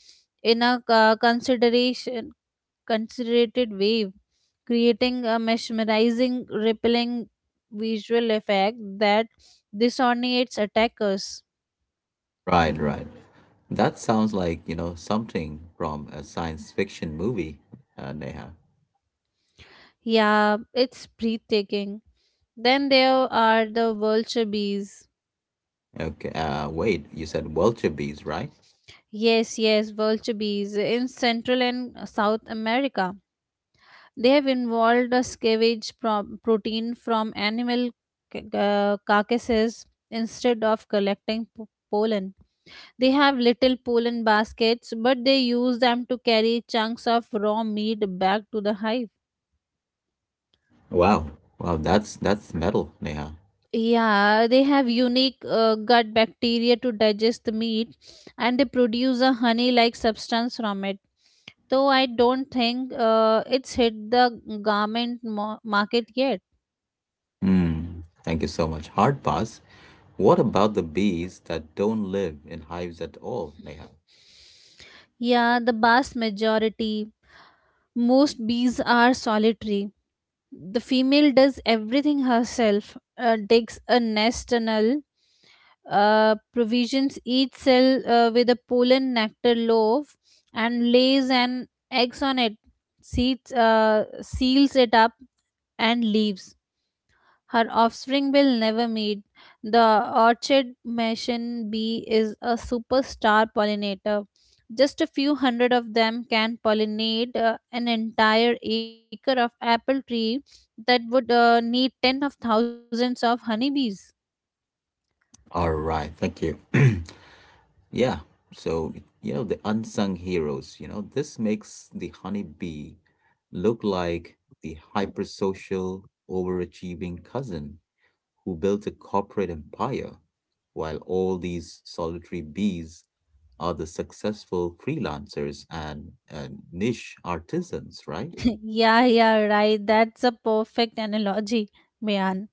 Speaker 2: in a consideration considerated wave, creating a mesmerizing, rippling visual effect that disorientates attackers.
Speaker 1: Right, right. That sounds like, you know, something from a science fiction movie, Neha.
Speaker 2: Yeah, it's breathtaking. Then there are the vulture bees.
Speaker 1: Okay, wait, you said wildebeest, right?
Speaker 2: Yes, yes, vulture bees in Central and South America. They have involved a scavenge pro- protein from animal carcasses instead of collecting pollen. They have little pollen baskets, but they use them to carry chunks of raw meat back to the hive.
Speaker 1: Wow, wow, that's metal, Neha.
Speaker 2: Yeah, they have unique gut bacteria to digest the meat and they produce a honey like substance from it. Though I don't think it's hit the market yet.
Speaker 1: Hmm, thank you so much. Hard pass. What about the bees that don't live in hives at all, Neha?
Speaker 2: Yeah, the vast majority. Most bees are solitary. The female does everything herself, digs a nest tunnel, provisions each cell with a pollen nectar loaf, and lays an eggs on it, seals it up, and leaves. Her offspring will never meet. The orchid mason bee is a superstar pollinator. Just a few hundred of them can pollinate an entire acre of apple tree that would need 10 of thousands of honeybees.
Speaker 1: All right, thank you. Yeah. So, you know, the unsung heroes, you know, this makes the honeybee look like the hypersocial, overachieving cousin who built a corporate empire, while all these solitary bees are the successful freelancers and niche artisans, right?
Speaker 2: Yeah, right. That's a perfect analogy, Mayan.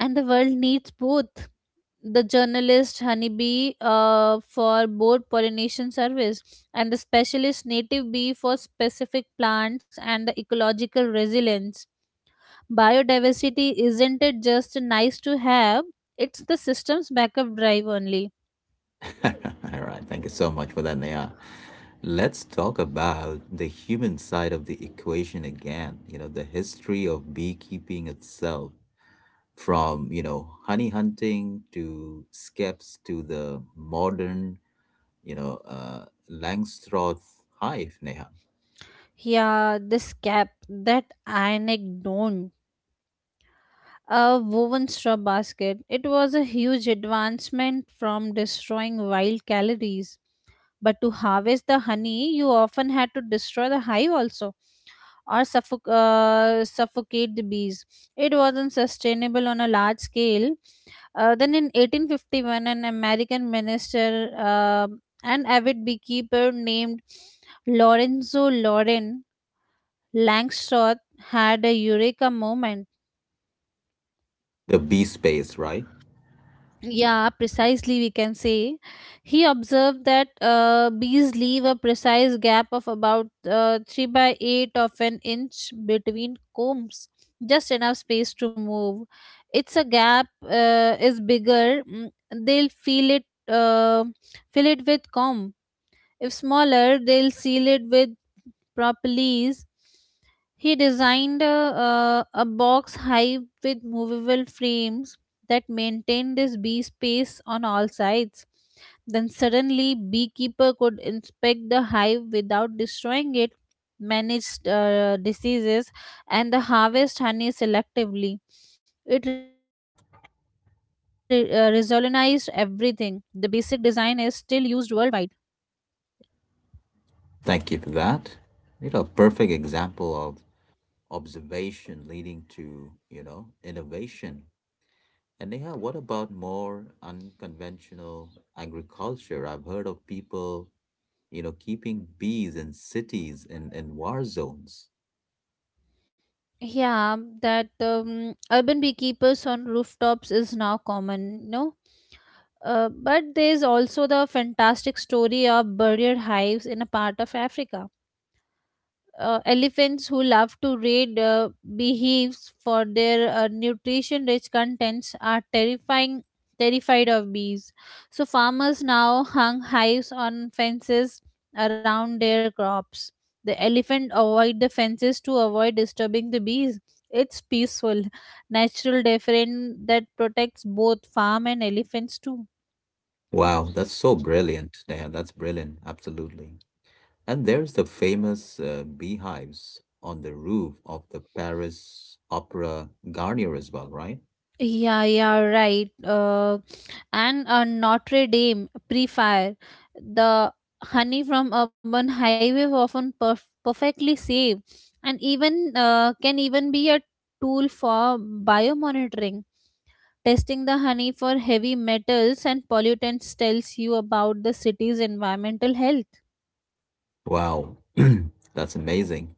Speaker 2: And the world needs both. The journalist honeybee for both pollination service and the specialist native bee for specific plants and the ecological resilience. Biodiversity isn't it just nice to have, it's the system's backup drive only.
Speaker 1: All right, thank you so much for that, Naya. Let's talk about the human side of the equation again. You know, the history of beekeeping itself, from, you know, honey hunting to skeps to the modern, you know, Langstroth hive, Neha.
Speaker 2: Yeah, this cap that ionic don't, a woven straw basket. It was a huge advancement from destroying wild calories. But to harvest the honey, you often had to destroy the hive also or suffocate the bees. It wasn't sustainable on a large scale. Then in 1851, an American minister and avid beekeeper named Lorenzo Loren Langstroth had a eureka moment.
Speaker 1: The bee space, right?
Speaker 2: Yeah, precisely, we can say. He observed that bees leave a precise gap of about 3 by 8 of an inch between combs, just enough space to move. It's a gap is bigger, they'll fill it with comb. If smaller, they'll seal it with properly is he designed a box hive with movable frames that maintained his bee space on all sides. Then suddenly, beekeeper could inspect the hive without destroying it, manage diseases, and the harvest honey selectively. It revolutionized everything. The basic design is still used worldwide.
Speaker 1: Thank you for that. You know, perfect example of observation leading to, you know, innovation. And Neha, what about more unconventional agriculture? I've heard of people, you know, keeping bees in cities in war zones.
Speaker 2: Yeah, that urban beekeepers on rooftops is now common, no? But there's also the fantastic story of barrier hives in a part of Africa. Elephants who love to raid beehives for their nutrition rich contents are terrifying terrified of bees. So farmers now hung hives on fences around their crops. The elephant avoid the fences to avoid disturbing the bees. It's peaceful, natural deterrent that protects both farm and elephants too.
Speaker 1: Wow, that's so brilliant, Neha. That's brilliant, absolutely. And there's the famous beehives on the roof of the Paris Opera Garnier as well, right?
Speaker 2: Yeah, right. And a Notre Dame pre-fire. The honey from urban highway were often perfectly safe and even can even be a tool for biomonitoring. Testing the honey for heavy metals and pollutants tells you about the city's environmental health.
Speaker 1: Wow, that's amazing.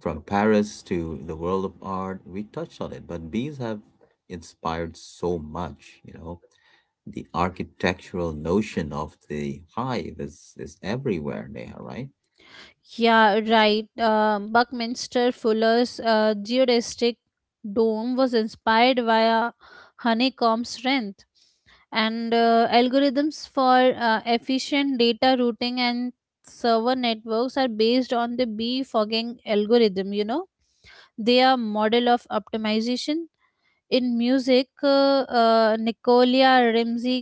Speaker 1: From Paris to the world of art, we touched on it, but bees have inspired so much, you know, the architectural notion of the hive is everywhere, Neha, right?
Speaker 2: Yeah, right. Buckminster Fuller's geodesic dome was inspired by a honeycomb strength. And algorithms for efficient data routing and server networks are based on the befogging algorithm, you know. They are model of optimization. In music, nicolia rimsky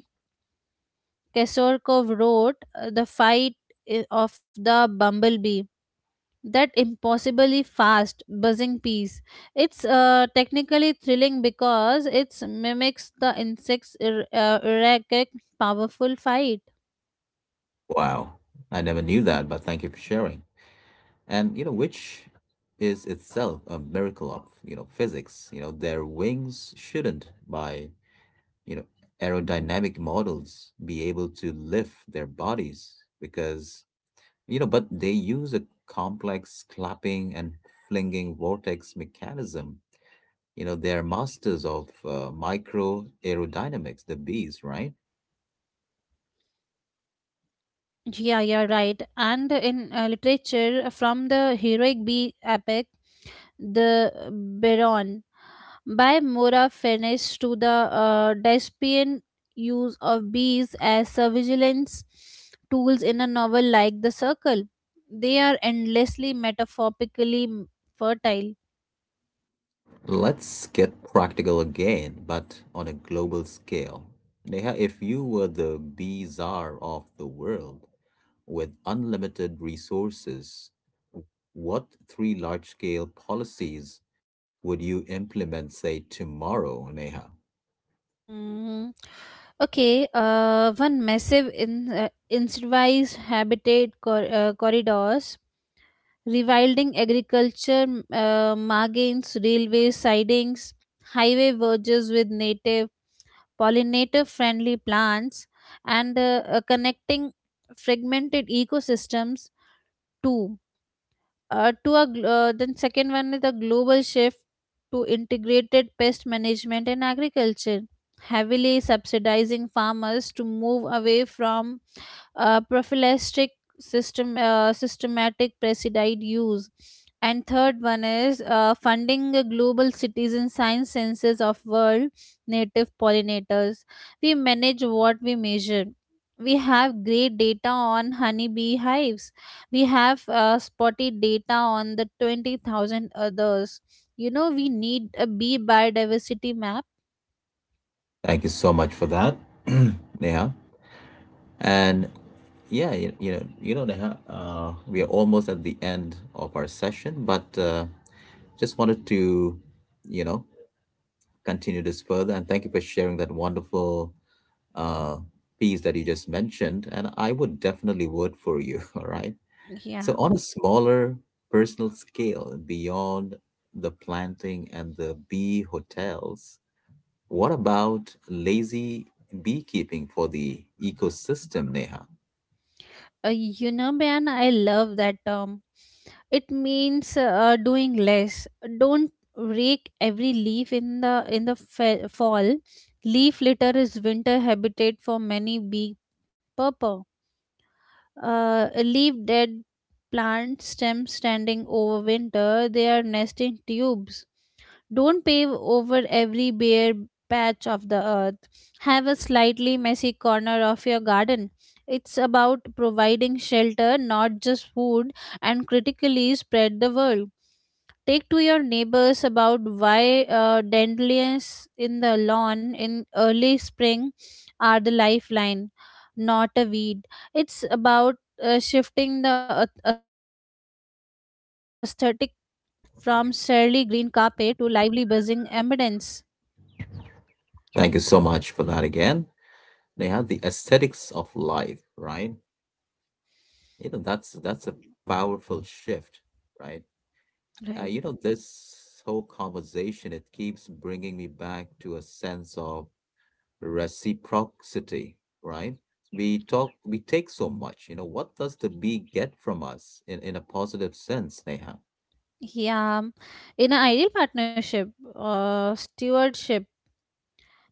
Speaker 2: kesorkov wrote the fight of the bumblebee, that impossibly fast buzzing piece. It's technically thrilling because it mimics the insect's erratic, powerful fight.
Speaker 1: Wow, I never knew that, but thank you for sharing. And you know, which is itself a miracle of, you know, physics. You know, their wings shouldn't, by, you know, aerodynamic models, be able to lift their bodies because, you know, but they use a complex clapping and flinging vortex mechanism. You know, they're masters of micro aerodynamics, the bees, right?
Speaker 2: Yeah, you're right. And in literature, from the heroic bee epic, the Baron, by Mora Furnish to the Despian use of bees as surveillance tools in a novel like The Circle, they are endlessly metaphorically fertile.
Speaker 1: Let's get practical again, but on a global scale. Neha, if you were the bee czar of the world with unlimited resources, what three large scale policies would you implement, say, tomorrow, Neha?
Speaker 2: Hmm. Okay, one, massive incentivized habitat corridors, rewilding agriculture, margins, railway sidings, highway verges with native pollinator friendly plants, and connecting fragmented ecosystems too. Then second one is the global shift to integrated pest management and agriculture, heavily subsidizing farmers to move away from prophylactic systematic pesticide use. And third one is funding a global citizen science census of world native pollinators. We manage what we measure. We have great data on honeybee hives. We have spotty data on the 20,000 others. You know, we need a bee biodiversity map.
Speaker 1: Thank you so much for that, Neha. And yeah, you know, Neha, we are almost at the end of our session, but just wanted to, you know, continue this further. And thank you for sharing that wonderful uh, piece that you just mentioned. And I would definitely vote for you. All right. So,
Speaker 2: Yeah.
Speaker 1: on a smaller personal scale, beyond the planting and the bee hotels, what about lazy beekeeping for the ecosystem, Neha?
Speaker 2: You know, man, I love that term. It means doing less. Don't rake every leaf in the fall. Leaf litter is winter habitat for many bee purple. Leave dead plant stems standing over winter. They are nesting tubes. Don't pave over every bare patch of the earth. Have a slightly messy corner of your garden. It's about providing shelter, not just food, and critically spread the word. Take to your neighbors about why dandelions in the lawn in early spring are the lifeline, not a weed. It's about shifting the aesthetic from surly green carpet to lively buzzing ambience.
Speaker 1: Thank you so much for that again. Neha, the aesthetics of life, right? You know, that's a powerful shift, right?
Speaker 2: Right.
Speaker 1: You know, this whole conversation, it keeps bringing me back to a sense of reciprocity, right? We talk, we take so much, you know, what does the bee get from us in a positive sense, Neha?
Speaker 2: Yeah. In an ideal partnership, stewardship,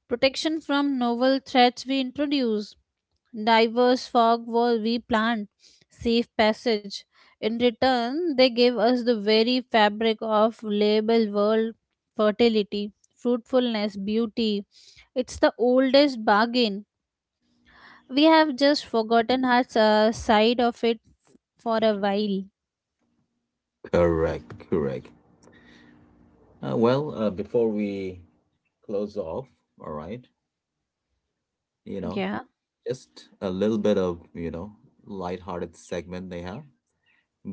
Speaker 2: protection from novel threats we introduce, diverse fog wall we plant, safe passage. In return, they give us the very fabric of label world, fertility, fruitfulness, beauty. It's the oldest bargain. We have just forgotten our side of it for a while.
Speaker 1: Correct, correct. Well, before we close off, all right, you know,
Speaker 2: Yeah.
Speaker 1: just a little bit of, you know, lighthearted segment, Neha.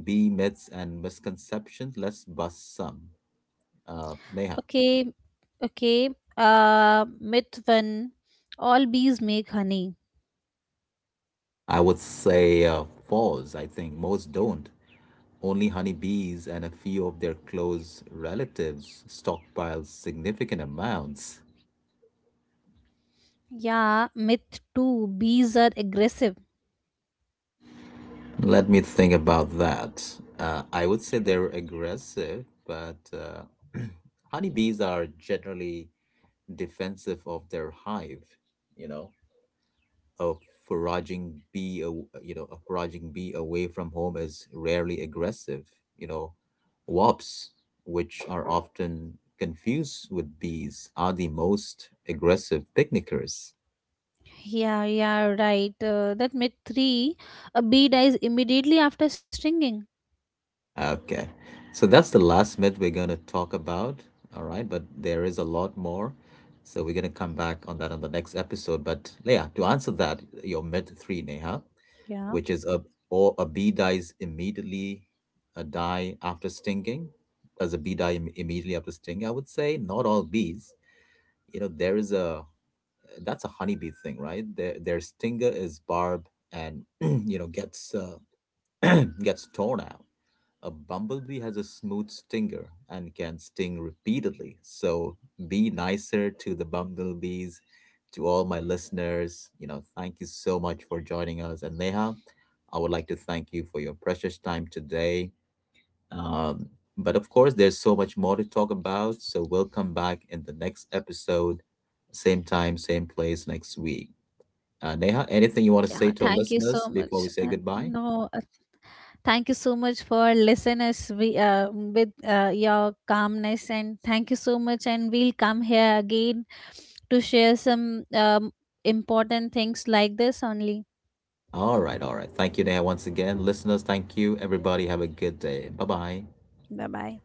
Speaker 1: Bee myths and misconceptions, let's bust some. Neha.
Speaker 2: Okay, okay. Uh, Myth one. All bees make honey.
Speaker 1: I would say false. I think most don't. Only honeybees and a few of their close relatives stockpile significant amounts.
Speaker 2: Yeah, myth two. Bees are aggressive.
Speaker 1: Let me think about that. I would say they're aggressive, but honeybees are generally defensive of their hive, you know. A foraging bee, you know, a foraging bee away from home is rarely aggressive. You know, wasps, which are often confused with bees, are the most aggressive picnickers.
Speaker 2: Yeah, yeah, right. That Myth three. A bee dies immediately after stinging.
Speaker 1: Okay. So that's the last myth we're going to talk about. All right. But there is a lot more. So we're going to come back on that on the next episode. But Leah, to answer that, your myth three, Neha,
Speaker 2: Yeah,
Speaker 1: which is a, or a bee dies immediately, a die after stinging. Does a bee die immediately after stinging? I would say not all bees. You know, there is a, that's a honeybee thing, right? Their stinger is barbed and, you know, gets, gets torn out. A bumblebee has a smooth stinger and can sting repeatedly. So be nicer to the bumblebees, to all my listeners. You know, thank you so much for joining us. And Neha, I would like to thank you for your precious time today. Um, but of course, there's so much more to talk about. So we'll come back in the next episode, same time, same place next week. Neha,
Speaker 2: yeah.
Speaker 1: anything you want to
Speaker 2: Thank
Speaker 1: say
Speaker 2: you
Speaker 1: to our
Speaker 2: so much.
Speaker 1: listeners before we say goodbye?
Speaker 2: No, Thank you so much for listeners with your calmness and thank you so much. And we'll come here again to share some important things like this only.
Speaker 1: All right, all right. Thank you, Neha, once again. Listeners, thank you. Everybody, have a good day. Bye bye.
Speaker 2: Bye bye.